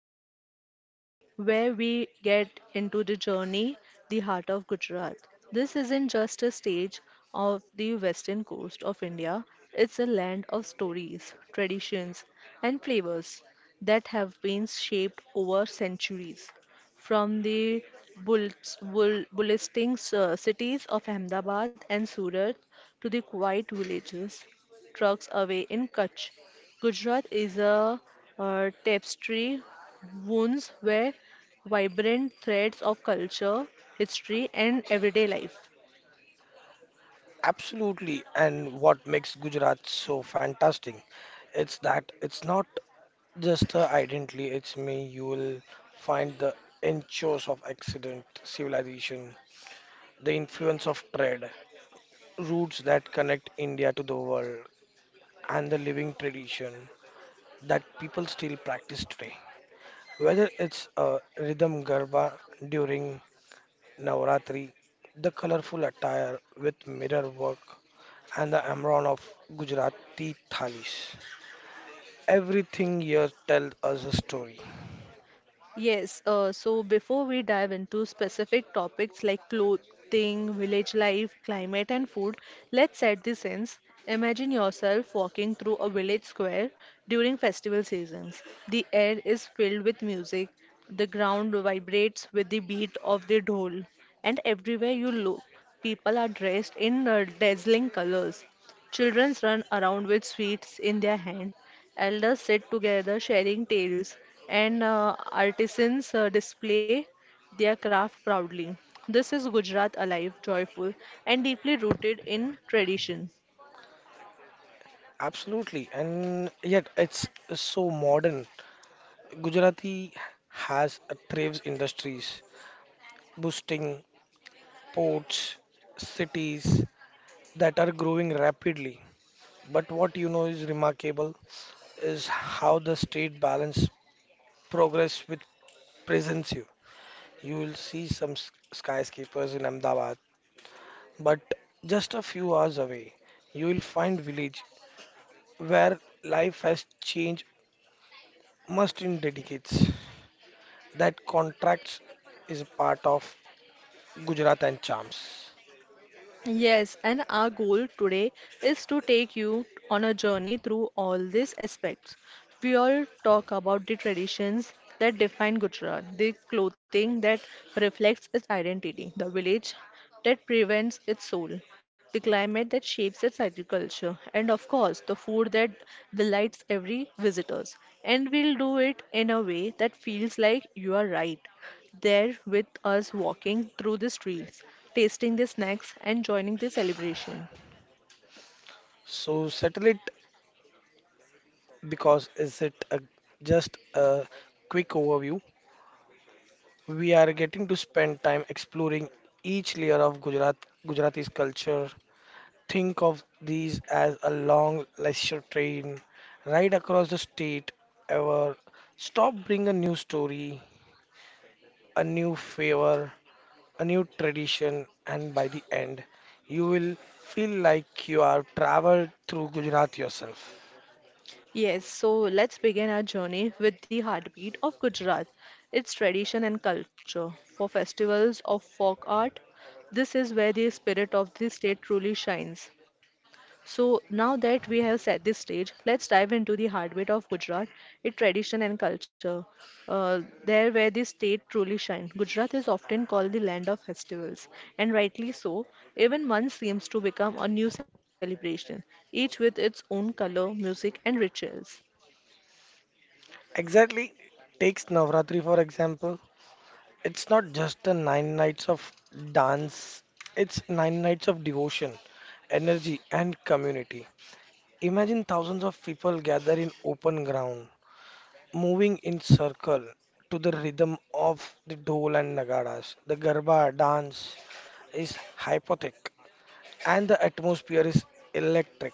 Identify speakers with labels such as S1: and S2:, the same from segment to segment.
S1: special episode where we get into the journey, the heart of Gujarat. This isn't just a stage of the western coast of India, it's a land of stories, traditions, and flavors that have been shaped over centuries from the bullisting cities of Ahmedabad and Surat to the quiet villages, trucks away in Kutch. Gujarat is a tapestry wounds where vibrant threads of culture, history, and everyday life.
S2: Absolutely. And what makes Gujarat so fantastic, it's that it's not just the identity, it's me. You will find the enchures of accident, civilization, the influence of trade, routes that connect India to the world, and the living tradition that people still practice today. Whether it's a rhythm garba during Navratri, the colorful attire with mirror work, and the Amron of Gujarati Thalis. Everything here tells us a story.
S1: Yes, so before we dive into specific topics like clothing, village life, climate, and food, let's set the sense. Imagine yourself walking through a village square during festival seasons. The air is filled with music, the ground vibrates with the beat of the dhol, and everywhere you look, people are dressed in dazzling colors. Children run around with sweets in their hand. Elders sit together sharing tales, and artisans display their craft proudly. This is Gujarat alive, joyful, and deeply rooted in tradition.
S2: Absolutely, and yet it's so modern. Gujarati has a thrives industries, boosting ports, cities that are growing rapidly. But what you know is remarkable is how the state balance progress with presence you. You will see some skyscrapers in Ahmedabad. But just a few hours away, you will find village where life has changed must in decades. That contract is a part of Gujarat and charms.
S1: Yes, and our goal today is to take you on a journey through all these aspects. We all talk about the traditions that define Gujarat, the clothing that reflects its identity, the village that prevents its soul, the climate that shapes its agriculture, and of course, the food that delights every visitors. And we'll do it in a way that feels like you are right there with us walking through the streets tasting the snacks, and joining the celebration.
S2: So settle it because is it a, just a quick overview? We are getting to spend time exploring each layer of Gujarat, Gujarati's culture. Think of these as a long leisure train ride across the state. Ever stop, bring a new story, a new favor, a new tradition, and by the end, you will feel like you have traveled through Gujarat yourself.
S1: Yes, so let's begin our journey with the heartbeat of Gujarat, its tradition and culture. For festivals of folk art, this is where the spirit of the state truly shines. So now that we have set this stage, let's dive into the heartbeat of Gujarat, its tradition and culture. There where the state truly shines. Gujarat is often called the land of festivals, and rightly so. Even month seems to become a new celebration, each with its own color, music, and rituals.
S2: Exactly, takes Navratri for example. It's not just the nine nights of dance, it's nine nights of devotion, energy, and community. Imagine thousands of people gather in open ground, moving in circle to the rhythm of the dhol and nagaras. The garba dance is hypnotic and the atmosphere is electric.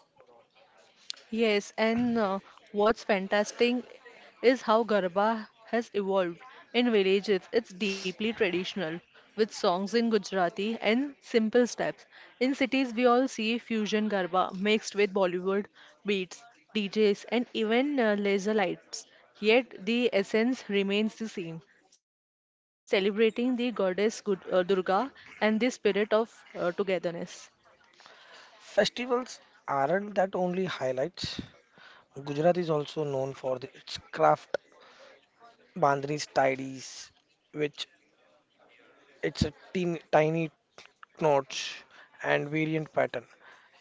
S1: Yes, and what's fantastic is how Garba has evolved. In villages, it's deeply traditional, with songs in Gujarati and simple steps. In cities, we all see fusion Garba mixed with Bollywood beats, DJs, and even laser lights. Yet, the essence remains the same, celebrating the goddess Durga and the spirit of togetherness.
S2: Festivals aren't that only highlights. Gujarat is also known for its craft bandhani tidies, which it's a tiny knots and variant pattern.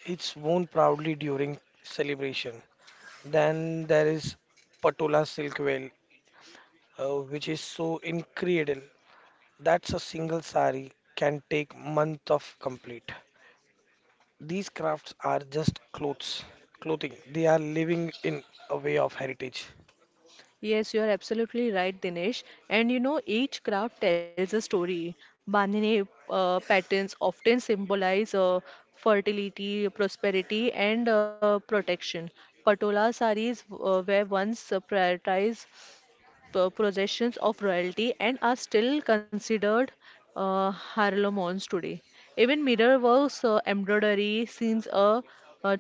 S2: It's worn proudly during celebration. Then there is Patula silk veil, which is so incredible. That's a single sari can take month of complete. These crafts are just clothing. They are living in a way of heritage.
S1: Yes, you are absolutely right, Dinesh. And you know, each craft tells a story. Banane patterns often symbolize fertility, prosperity, and protection. Patola saris were once prioritized possessions of royalty and are still considered heirlooms today. Even mirror works, embroidery, scenes, a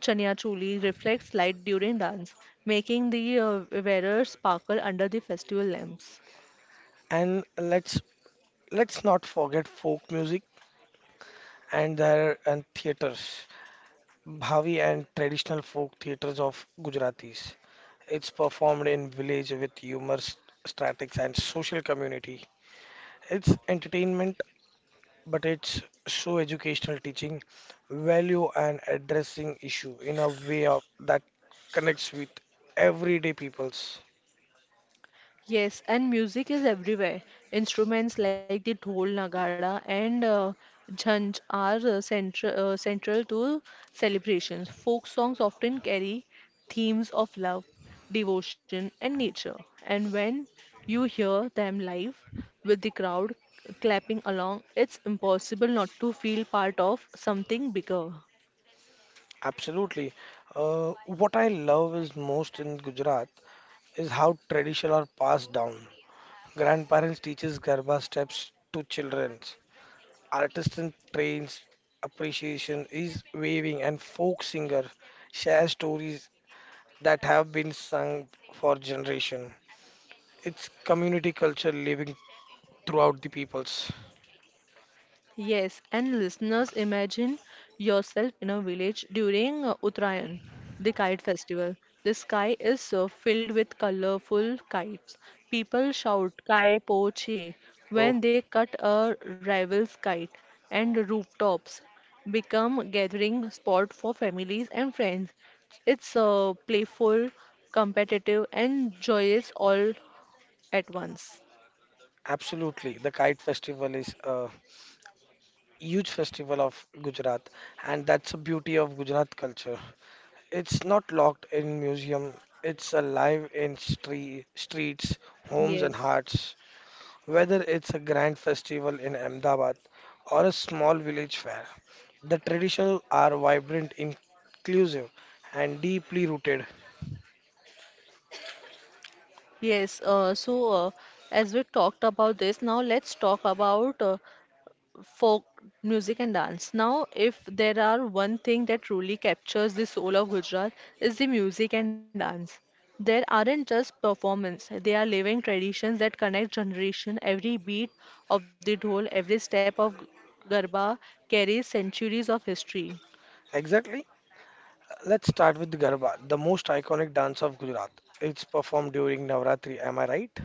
S1: chania choli reflects light during dance, making the wearer sparkle under the festival lamps.
S2: And let's not forget folk music and their and theaters, Bhavi and traditional folk theaters of Gujaratis. It's performed in village with humor, statics, and social community. It's entertainment but it's so educational teaching value and addressing issue in a way that connects with everyday peoples.
S1: Yes, and music is everywhere. Instruments like the dhol, nagada, and jhanj are uh, central central to celebrations. Folk songs often carry themes of love, devotion, and nature. And when you hear them live with the crowd clapping along, it's impossible not to feel part of something bigger.
S2: Absolutely. What I love is most in Gujarat is how tradition are passed down. Grandparents teaches garba steps to children. Artisan trains appreciation is waving and folk singer share stories that have been sung for generation. It's community culture living throughout the peoples.
S1: Yes, and listeners, imagine yourself in a village during Uttarayan, the kite festival. The sky is filled with colorful kites. People shout "Kai po che"
S2: Oh,
S1: when they cut a rival's kite, and rooftops become gathering spot for families and friends. It's playful, competitive, and joyous all at once.
S2: absolutely. The Kite Festival is a huge festival of Gujarat, and that's the beauty of Gujarat culture. It's not locked in museum, it's alive in streets,
S1: Yes.
S2: homes, and hearts. Whether it's a grand festival in Ahmedabad or a small village fair, the traditions are vibrant, inclusive, and deeply rooted.
S1: Yes, so as we talked about this, now let's talk about folk music and dance. Now, if there are one thing that truly captures the soul of Gujarat is the music and dance. There aren't just performance, they are living traditions that connect generation. Every beat of the dhol, every step of garba carries centuries of history.
S2: Exactly. Let's start with Garba, the most iconic dance of Gujarat. It's performed during Navratri, am I right?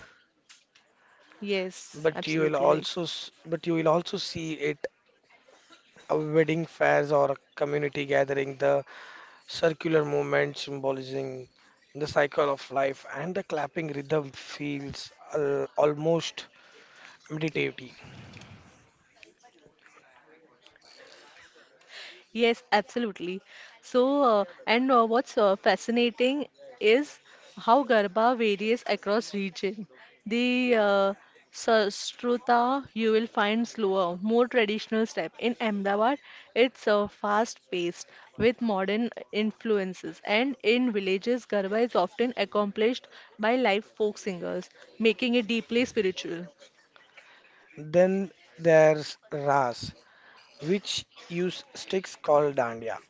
S1: Yes,
S2: But you will
S1: absolutely right.
S2: also s- but you will also see it at wedding fairs or a community gathering, the circular movement symbolizing the cycle of life and the clapping rhythm feels al almost meditative.
S1: Yes, absolutely. So, and what's fascinating is how Garba varies across region. The Sastrutha you will find slower, more traditional step. In Ahmedabad, it's fast-paced with modern influences, and in villages, Garba is often accomplished by live folk singers, making it deeply spiritual.
S2: Then there's Ras, which use sticks called dandiya.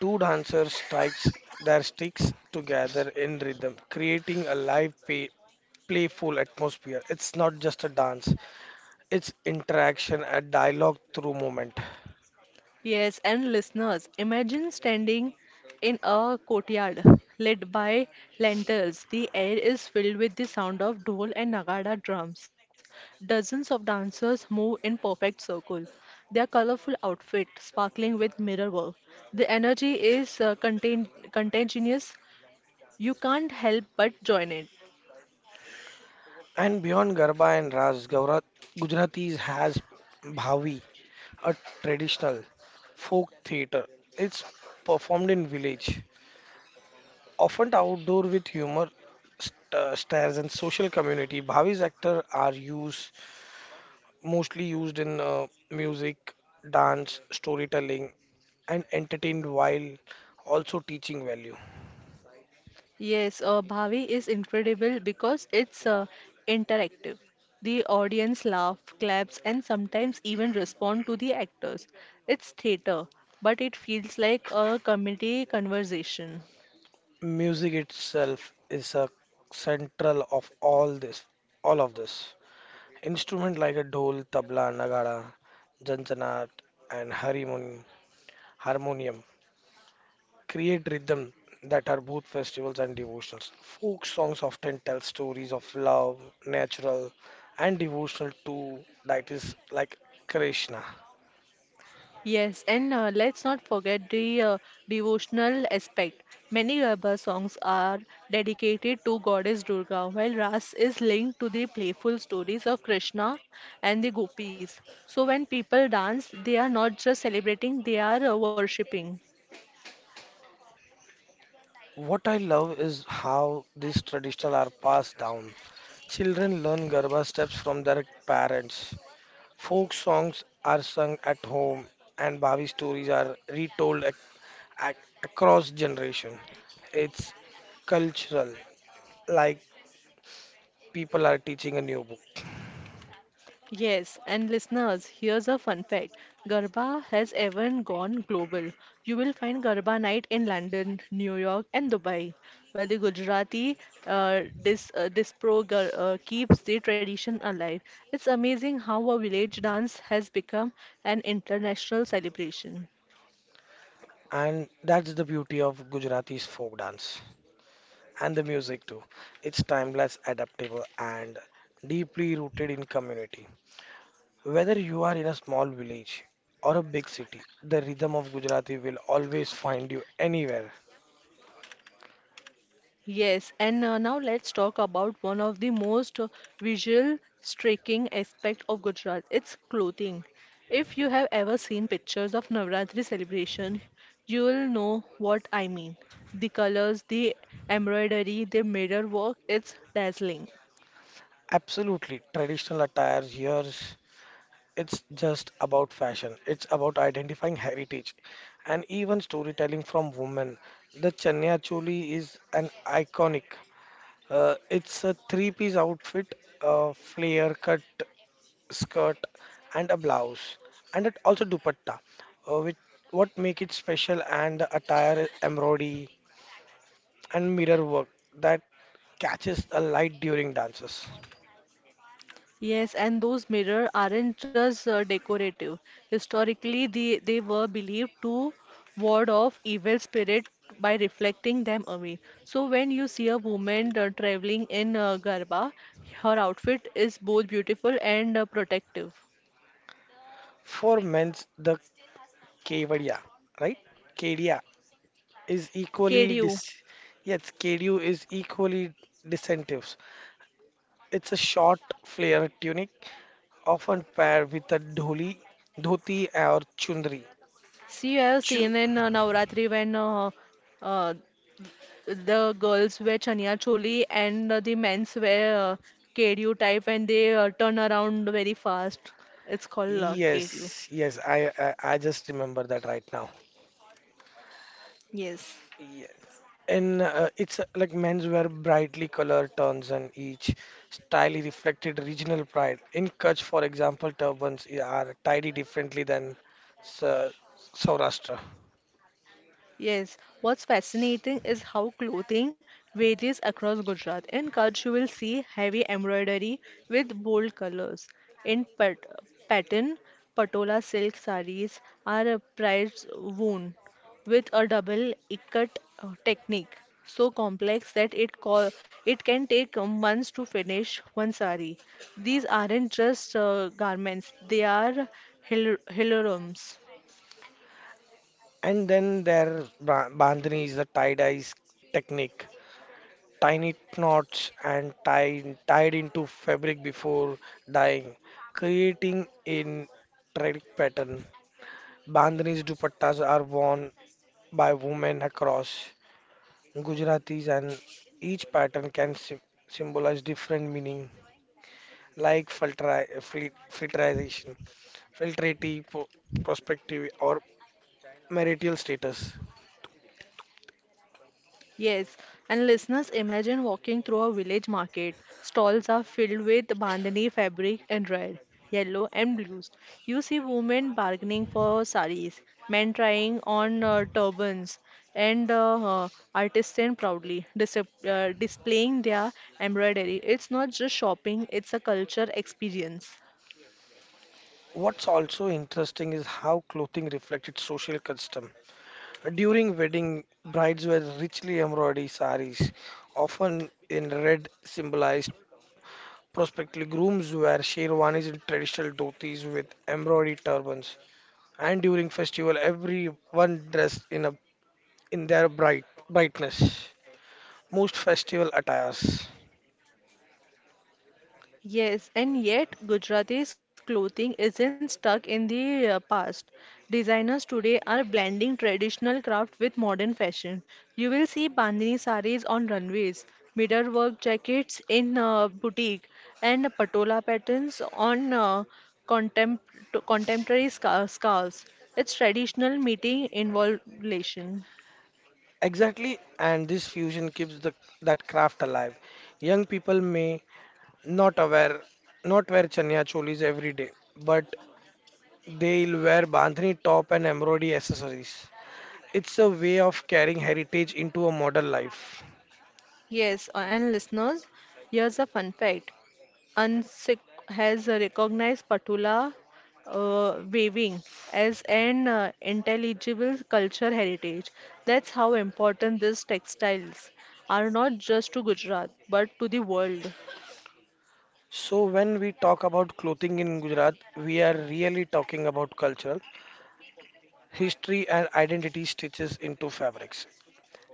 S2: Two dancers strikes their sticks together in rhythm, creating a live playful atmosphere. It's not just a dance, it's interaction and dialogue through movement.
S1: Yes, and listeners, imagine standing in a courtyard lit by lanterns. The air is filled with the sound of dhol and nagada drums. Dozens of dancers move in perfect circle. Their colorful outfit sparkling with mirror work. The energy is contagious. You can't help but join it.
S2: And beyond Garba and Ras, Gujaratis has Bhavi, a traditional folk theater. It's performed in village, often outdoor with humor, stairs and social community. Bhavi's actors are used mostly used in music, dance, storytelling, and entertained while also teaching value.
S1: Yes, Bhavi is incredible because it's interactive. The audience laugh, claps, and sometimes even respond to the actors. It's theater, but it feels like a comedy conversation.
S2: Music itself is a central of all all of this. Instrument like a dhol, tabla, nagara, janjanat, and harmonium create rhythm that are both festivals and devotionals. Folk songs often tell stories of love, natural, and devotional to deities like Krishna.
S1: Yes, and let's not forget the devotional aspect. Many Garba songs are dedicated to goddess Durga, while Ras is linked to the playful stories of Krishna and the gopis. So when people dance, they are not just celebrating, they are worshipping.
S2: What I love is how these traditions are passed down. Children learn Garba steps from their parents. Folk songs are sung at home, and Bhavi stories are retold ac- across generation. It's cultural, like people are teaching a new book,
S1: Yes, and listeners, here's a fun fact. Garba has even gone global. You will find Garba night in London, New York, and Dubai, where the Gujarati keeps the tradition alive. It's amazing how a village dance has become an international celebration.
S2: and that's the beauty of Gujarati's folk dance and the music too. It's timeless, adaptable, and deeply rooted in community. Whether you are in a small village or a big city, the rhythm of Gujarati will always find you anywhere.
S1: Yes, and now let's talk about one of the most visual striking aspect of Gujarat, its clothing. If you have ever seen pictures of Navratri celebration, you will know what I mean. The colors, the embroidery, the mirror work, it's dazzling.
S2: Absolutely, traditional attire here, it's just about fashion. It's about identifying heritage and even storytelling from women. The Chanya Choli is an iconic. It's a three-piece outfit, a flare cut skirt and a blouse, and it also dupatta, which what make it special and the attire embroidery and mirror work that catches the light during dances.
S1: Yes, and those mirrors aren't just decorative. Historically, they were believed to ward off evil spirit by reflecting them away. So when you see a woman traveling in garba, her outfit is both beautiful and protective.
S2: For men's, the kevadia, right? Kedia is equally
S1: KDU.
S2: dis. Yes, kedu is equally distinctive. It's a short flare tunic, often paired with a dhoti, or chundri.
S1: See, I have
S2: Chu-
S1: seen in Navratri when uh, uh, The girls wear chania choli and the men's wear KDU type and they turn around very fast. It's called KDU.
S2: yes, yes, I just remember that right now.
S1: Yes.
S2: And it's like menswear brightly colored tones and each style reflected regional pride. In Kutch, for example, turbans are tidy differently than Sa- Saurashtra.
S1: Yes, what's fascinating is how clothing varies across Gujarat. In Kutch, you will see heavy embroidery with bold colors. In pattern, Patola silk saris are price woven with a double ikat technique, so complex that it can take months to finish one sari. These aren't just garments; they are hilarums.
S2: And then their bandhani is the tie-dye technique. Tiny knots and tied into fabric before dyeing, creating a tradic pattern. Bandhani's dupattas are worn by women across. Gujaratis, and each pattern can symbolize different meaning, like filterization, filtrati, po- prospective, or marital status.
S1: Yes, and listeners, imagine walking through a village market. Stalls are filled with bandhani fabric in red, yellow, and blues. You see women bargaining for saris, men trying on turbans, and artisans proudly displaying their embroidery. It's not just shopping, it's a culture experience.
S2: What's also interesting is how clothing reflects its social custom. During wedding, brides wear richly embroidered saris, often in red, symbolized prospectively grooms wear sherwanis and traditional dhotis with embroidered turbans. And during festival, everyone dressed in a in their brightness, most festival attires.
S1: Yes, and yet Gujarati's clothing isn't stuck in the past. Designers today are blending traditional craft with modern fashion. You will see Bandhani sarees on runways, mirror work jackets in boutique, and patola patterns on contem contemporary scarves. It's traditional meeting involvation.
S2: Exactly, and this fusion keeps the that craft alive. Young people may not aware not wear chanya cholis every day, but they'll wear bandhani top and embroidery accessories. It's a way of carrying heritage into a modern life.
S1: Yes, and listeners, here's a fun fact. UNSIC has recognized Patula weaving as an intelligible culture heritage. That's how important these textiles are not just to Gujarat but to the world.
S2: So when we talk about clothing in Gujarat, we are really talking about culture, history and identity stitches into fabrics.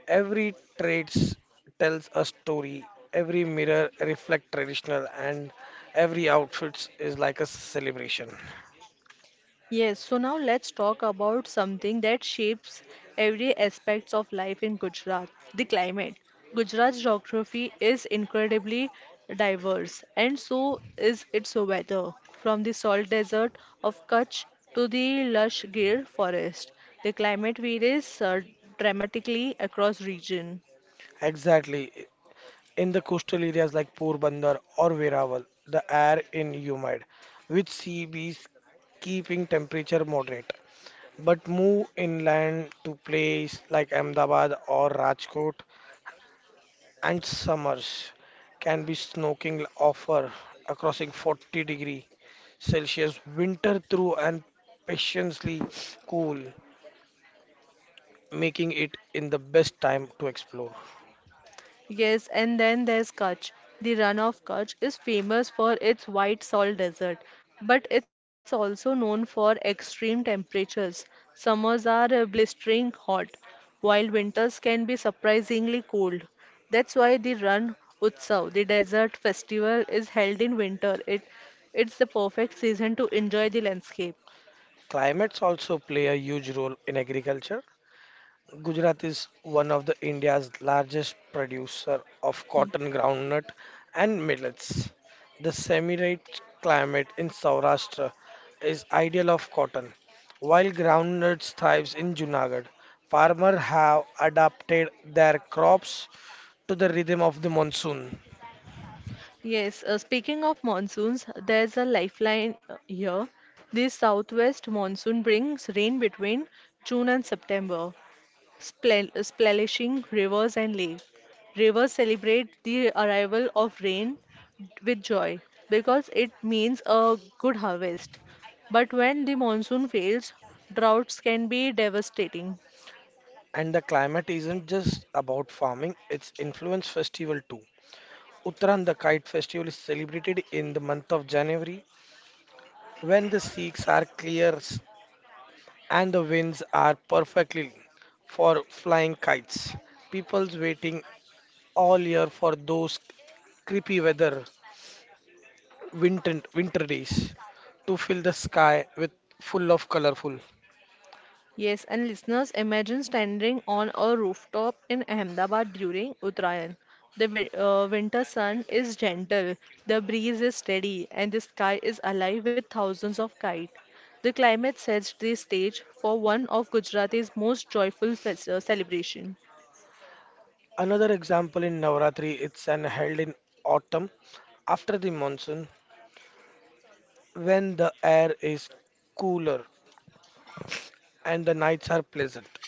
S2: Every traits tells a story. Every mirror reflect traditional, and every outfit is like a celebration.
S1: Yes, so now let's talk about something that shapes every aspects of life in Gujarat, the climate. Gujarat's geography is incredibly diverse, and so is its weather. From the salt desert of Kutch to the lush Gir forest, the climate varies dramatically across region.
S2: Exactly. In the coastal areas like Porbandar or Veeraval, the air in humid, with sea breeze keeping temperature moderate. But move inland to place like Ahmedabad or Rajkot, and summers can be snorkeling offer across in 40-degree Celsius winter through and patiently cool, making it in the best time to explore.
S1: Yes, and then there's Kutch. The run of Kutch is famous for its white salt desert, but it's also known for extreme temperatures. Summers are blistering hot, while winters can be surprisingly cold. That's why the Ran Utsav, the desert festival, is held in winter. It's the perfect season to enjoy the landscape.
S2: Climates also play a huge role in agriculture. Gujarat is one of the India's largest producer of cotton, groundnut, and millets. The semi-arid climate in Saurashtra is ideal of cotton, while groundnuts thrives in Junagadh. Farmers have adapted their crops to the rhythm of the monsoon.
S1: Yes, speaking of monsoons, there's a lifeline here. This southwest monsoon brings rain between June and September, splashing rivers and lakes. Rivers celebrate the arrival of rain with joy because it means a good harvest. But when the monsoon fails, droughts can be devastating.
S2: And the climate isn't just about farming, it's influence festival too. Uttaran the Kite Festival is celebrated in the month of January when the Sikhs are clear and the winds are perfectly for flying kites. People's waiting all year for those creepy weather winter days to fill the sky with full of colorful.
S1: Yes, and listeners, imagine standing on a rooftop in Ahmedabad during Uttarayan. The winter sun is gentle, the breeze is steady, and the sky is alive with thousands of kites. The climate sets the stage for one of Gujarat's most joyful celebration.
S2: Another example in Navratri it's an held in autumn after the monsoon when the air is cooler and the nights are pleasant.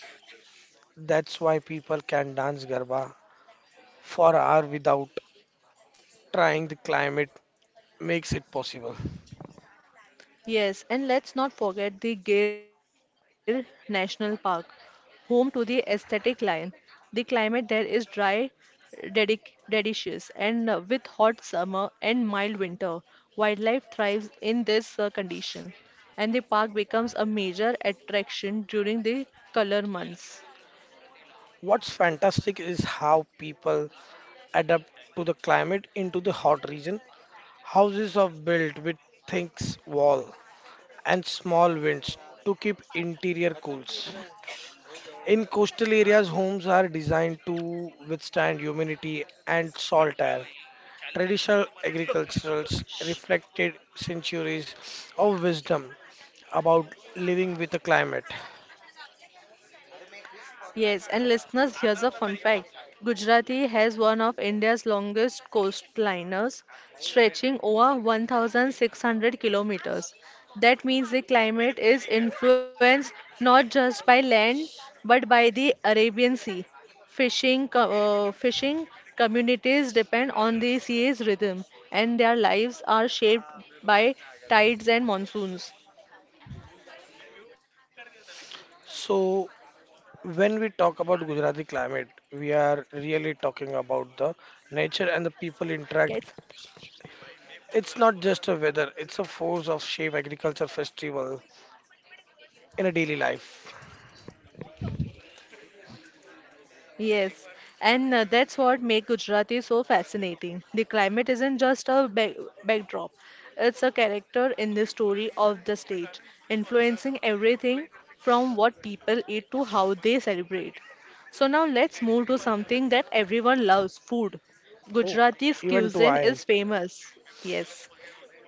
S2: That's why people can dance Garba for hour without trying the climate makes it possible.
S1: Yes, and let's not forget the Gir National Park, home to the aesthetic lion. The climate there is dry, delicious, and with hot summer and mild winter. Wildlife thrives in this condition, and the park becomes a major attraction during the color months.
S2: What's fantastic is how people adapt to the climate into the hot region. Houses are built with thick wall and small winds to keep interior cools. In coastal areas, homes are designed to withstand humidity and salt air. Traditional agriculturals reflected centuries of wisdom about living with the climate.
S1: Yes, and listeners, here's a fun fact. Gujarati has one of India's longest coastlines, stretching over 1,600 kilometers. That means the climate is influenced not just by land but by the Arabian Sea. Fishing communities depend on the sea's rhythm, and their lives are shaped by tides and monsoons.
S2: So, when we talk about Gujarati climate, we are really talking about the nature and the people interact.
S1: Yes.
S2: It's not just a weather, it's a force of shape agriculture festival in a daily life.
S1: Yes, and that's what makes Gujarati so fascinating. The climate isn't just a backdrop, it's a character in the story of the state, influencing everything from what people eat to how they celebrate. So now let's move to something that everyone loves, food.
S2: Oh,
S1: Gujarati's
S2: even to
S1: cuisine
S2: I.
S1: is famous, yes,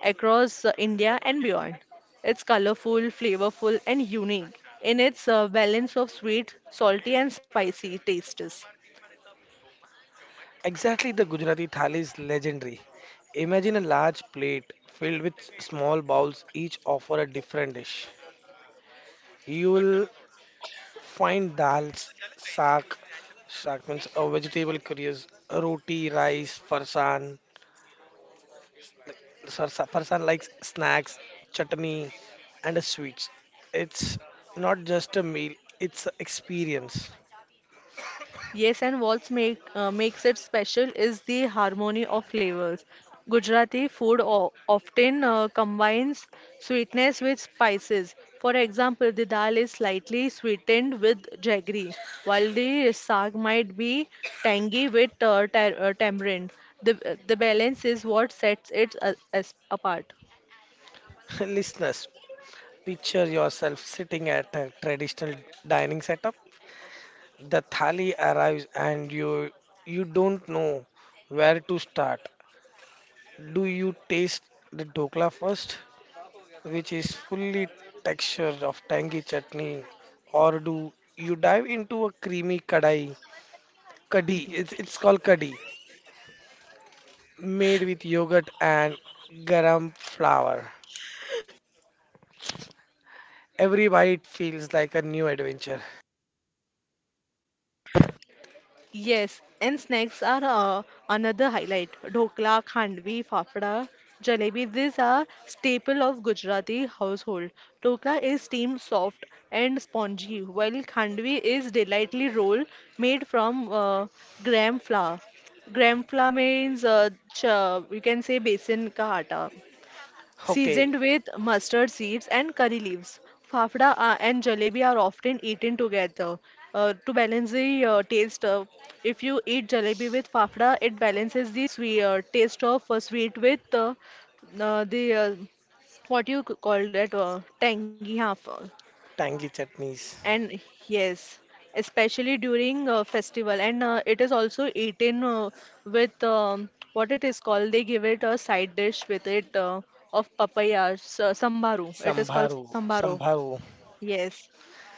S1: across India and beyond. It's colorful, flavorful, and unique in its balance of sweet, salty, and spicy tastes.
S2: Exactly, the Gujarati thali is legendary. Imagine a large plate filled with small bowls, each offer a different dish. You will find dals, saag, saag means a vegetable curries, roti, rice, farsan, like person likes snacks chutney and sweets. It's not just a meal, it's a experience.
S1: Yes, and what makes it special is the harmony of flavors. Gujarati food often combines sweetness with spices. For example, the dal is slightly sweetened with jaggery, while the saag might be tangy with tamarind. The balance is what sets it as apart.
S2: Listeners, picture yourself sitting at a traditional dining setup. The thali arrives and you don't know where to start. Do you taste the dokla first, which is fully texture of tangy chutney, or do you dive into a creamy kadai kadhi? It's called kadhi made with yogurt and garam flour. Every bite feels like a new adventure.
S1: Yes, and snacks are another highlight. Dhokla, khandvi, fafda, jalebi, these are staple of Gujarati household. Dhokla is steamed soft and spongy, while khandvi is delightfully roll made from gram flour. Gram flour means you can say besan ka atta
S2: Okay,
S1: seasoned with mustard seeds and curry leaves. Fafda and jalebi are often eaten together. To balance the taste, if you eat jalebi with fafda, it balances the taste of sweet with the what you call that tangy half.
S2: tangy chutneys,
S1: And yes, especially during a festival, and it is also eaten with what it is called. They give it a side dish with it of papaya, sambaru. It is called
S2: sambharu,
S1: sambaro.
S2: sambharu.
S1: Yes,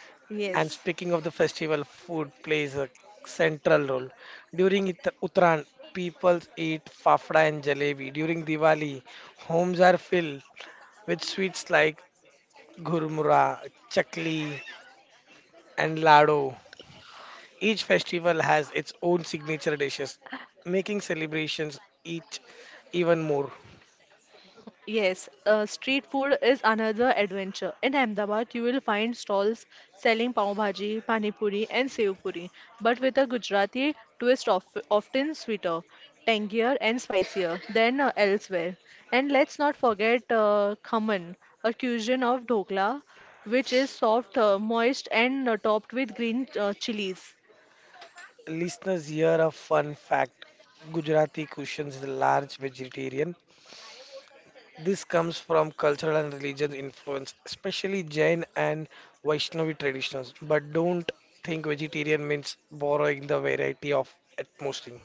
S1: yes.
S2: And speaking of the festival, food plays a central role. During Uttarayan, people eat fafda and jalebi. During Diwali, homes are filled with sweets like gurmura, chakli, and lado. Each festival has its own signature dishes, making celebrations each even more.
S1: Yes, street food is another adventure. In Ahmedabad, you will find stalls selling pav bhaji, pani puri, and sev puri, but with a Gujarati twist, of, often sweeter, tangier, and spicier than elsewhere. And let's not forget khaman, a cuisine of dhokla, which is soft, moist, and topped with green chilies.
S2: Listeners, here a fun fact. Gujarati cuisine is large vegetarian. This comes from cultural and religious influence, especially Jain and Vaishnavi traditions. But don't think vegetarian means borrowing the variety of atmosphere.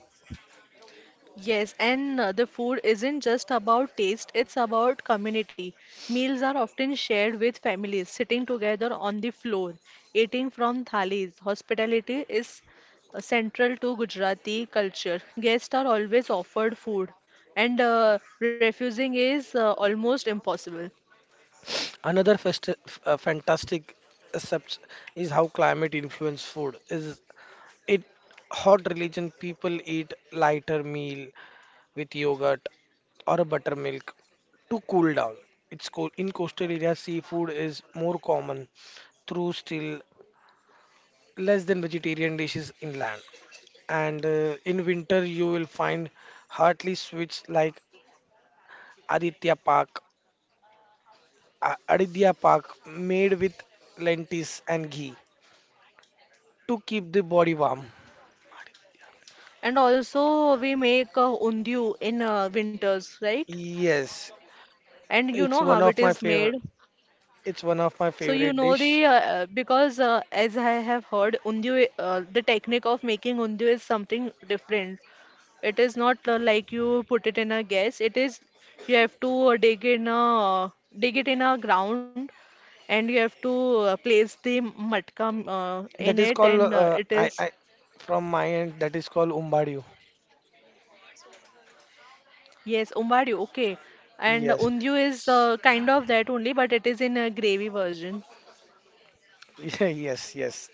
S1: Yes, and the food isn't just about taste, it's about community. Meals are often shared with families, sitting together on the floor, eating from thalis. Hospitality is central to Gujarati culture. Guests are always offered food, and refusing is almost impossible.
S2: Another fantastic accepts is how climate influence food is. It hot religion people eat lighter meal with yogurt or a buttermilk to cool down. It's in coastal areas seafood is more common through still less than vegetarian dishes inland. And in winter you will find heartily sweets like Aditya Pak, Aditya Pak made with lentils and ghee to keep the body warm.
S1: And also, we make undiu in winters, right?
S2: Yes,
S1: And you
S2: it's
S1: know
S2: one
S1: how
S2: of
S1: it
S2: my
S1: is made.
S2: favorite. It's one of my
S1: So you
S2: favorite
S1: know
S2: dish.
S1: the because as I have heard undu the technique of making undu is something different. It is not like you put it in a gas. It is you have to dig it in a ground and you have to place the matka in
S2: That is
S1: it
S2: called
S1: and it is
S2: I from my end that is called umbadu.
S1: yes umbari okay and
S2: Yes.
S1: undu is kind of that only but it is in a gravy version.
S2: Yes, yes.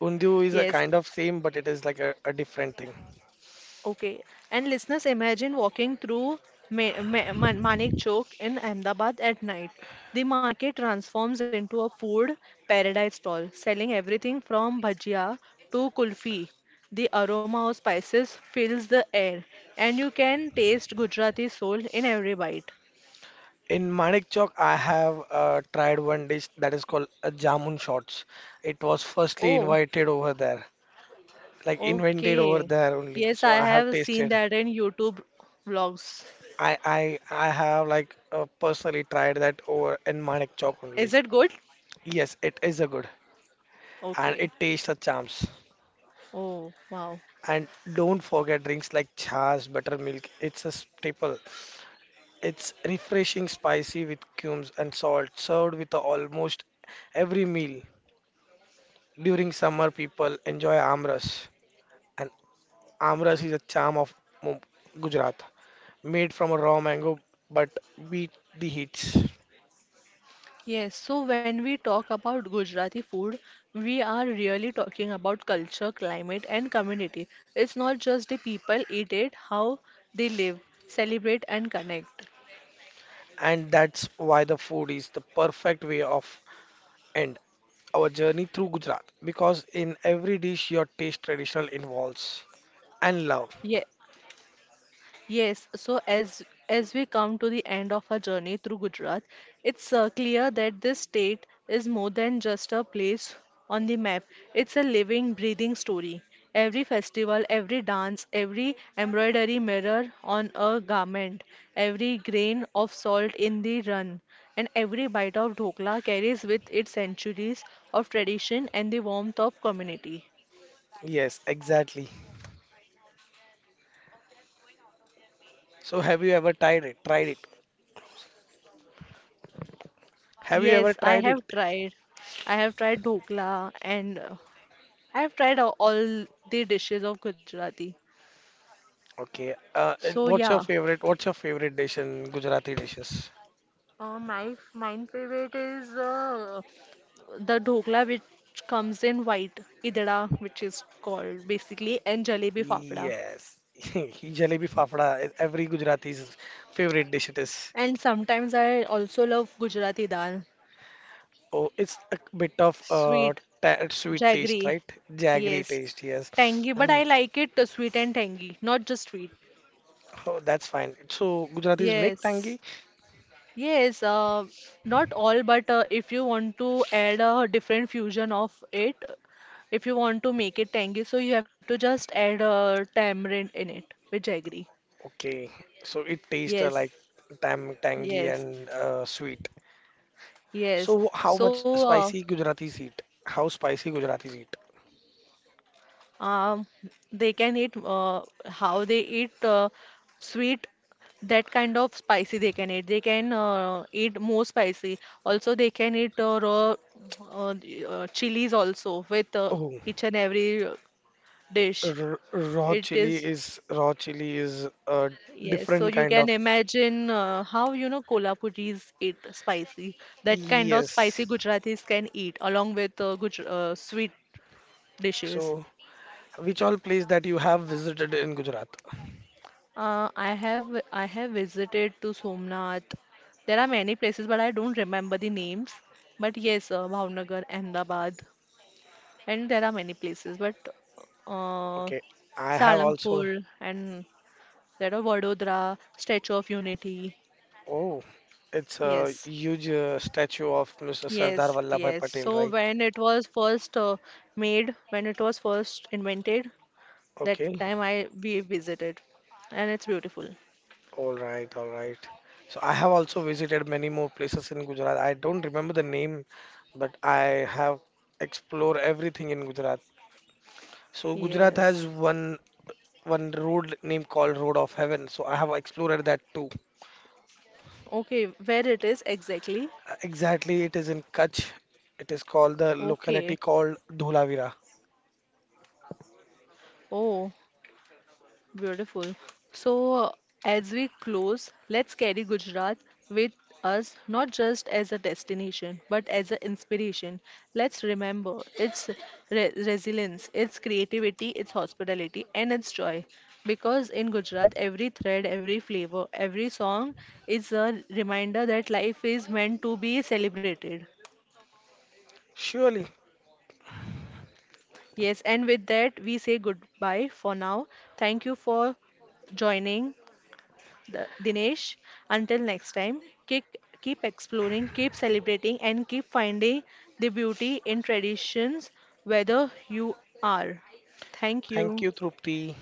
S2: Undu is a
S1: Yes.
S2: kind of same, but it is like a different thing.
S1: Okay, and listeners, imagine walking through Manik Chowk in Ahmedabad at night. The market transforms into a food paradise stall, selling everything from bhajia to kulfi. The aroma of spices fills the air, and you can taste Gujarati soul in every bite.
S2: In Manik Chowk, I have tried one dish that is called jamun shots. It was firstly
S1: Oh,
S2: invited over there, like invented over
S1: okay.
S2: there only.
S1: Yes,
S2: So
S1: I
S2: I have
S1: have seen
S2: tasted.
S1: that in YouTube vlogs.
S2: I have like personally tried that over in Manik Chowk
S1: Is
S2: only.
S1: it good?
S2: Yes, it is a good and
S1: Okay.
S2: it tastes a charms.
S1: Oh, wow.
S2: And don't forget drinks like chas, buttermilk. It's a staple. It's refreshing, spicy with cumes and salt, served with almost every meal. During summer, people enjoy amras, and amras is a charm of Mu- Gujarat, made from a raw mango but beat the heats.
S1: Yes, so when we talk about Gujarati food, we are really talking about culture, climate, and community. It's not just the people eat it, how they live, celebrate, and connect.
S2: And that's why the food is the perfect way of end our journey through Gujarat, because in every dish your taste traditional involves and love.
S1: Yeah. Yes, so as we come to the end of our journey through Gujarat, it's clear that this state is more than just a place on the map. It's a living, breathing story. Every festival, every dance, every embroidery mirror on a garment, every grain of salt in the run, and every bite of dhokla carries with it centuries of tradition and the warmth of community.
S2: Yes, exactly. So have you ever tried it? Tried it? Have you ever
S1: Yes, I
S2: tried it?
S1: have tried. I have tried dhokla and I've tried all the dishes of Gujarati.
S2: Okay. And
S1: So
S2: what's your
S1: yeah,
S2: favorite? What's your favorite dish in Gujarati dishes?
S1: my mine favorite is the dhokla which comes in white idara, which is called basically and jalebi fafda.
S2: Yes. Jalebi fafda. Every Gujarati's favorite dish it is.
S1: And sometimes I also love Gujarati dal,
S2: Oh, it's a bit of
S1: sweet,
S2: ta sweet taste,
S1: jaggery.
S2: right? Jaggery
S1: Yes,
S2: taste, yes.
S1: tangy, but I
S2: Mm,
S1: like it sweet and tangy, not just sweet.
S2: oh, that's fine. So Gujaratis make
S1: Yes.
S2: tangy?
S1: Yes, not all, but if you want to add a different fusion of it, if you want to make it tangy, so you have to just add tamarind in it with jaggery.
S2: Okay. So it tastes
S1: Yes,
S2: like tam tangy
S1: yes,
S2: and sweet.
S1: yes.
S2: So how much
S1: So
S2: spicy Gujaratis eat? How spicy Gujaratis eat?
S1: uh, um, they can eat how they eat sweet, that kind of spicy they can eat. They can eat more spicy. Also, they can eat raw chilies also with
S2: Oh,
S1: each and every dish.
S2: r
S1: It is,
S2: raw chili is a
S1: yes. So
S2: different
S1: you
S2: kind
S1: can
S2: of
S1: imagine how, you know, Kolhapuris eat spicy. That kind of spicy
S2: yes.
S1: Gujaratis can eat along with Guj sweet dishes.
S2: So which all place that you have visited in Gujarat?
S1: Uh, I have I have visited to Somnath. There are many places, but I don't remember the names. But yes, Bhavnagar, Ahmedabad, and there are many places. But uh,
S2: Okay, I have also.
S1: Salangpur and there are Vadodara, Statue of Unity.
S2: Oh, it's a
S1: Yes.
S2: huge statue of Mr. Sardar
S1: Yes,
S2: Vallabhbhai
S1: yes.
S2: Patel,
S1: So
S2: right?
S1: when it was first made, when it was first invented,
S2: Okay.
S1: that time I we visited, and it's beautiful.
S2: All right, all right. So I have also visited many more places in Gujarat. I don't remember the name, but I have explored everything in Gujarat. So Gujarat has
S1: Yes.
S2: one road named called Road of Heaven. So I have explored that too.
S1: Okay, where it is exactly?
S2: Exactly, it is in Kutch. It is called the
S1: Okay.
S2: locality called Dholavira.
S1: Oh, beautiful. So, as we close, let's carry Gujarat with us not just as a destination but as an inspiration. Let's remember its re resilience, its creativity, its hospitality, and its joy. Because in Gujarat, every thread, every flavor, every song is a reminder that life is meant to be celebrated.
S2: Surely.
S1: Yes, and with that, we say goodbye for now. Thank you for joining The, Dinesh, until next time, keep, keep exploring, keep celebrating, and keep finding the beauty in traditions, whether you are. Thank
S2: Thank you,
S1: you.
S2: Trupti.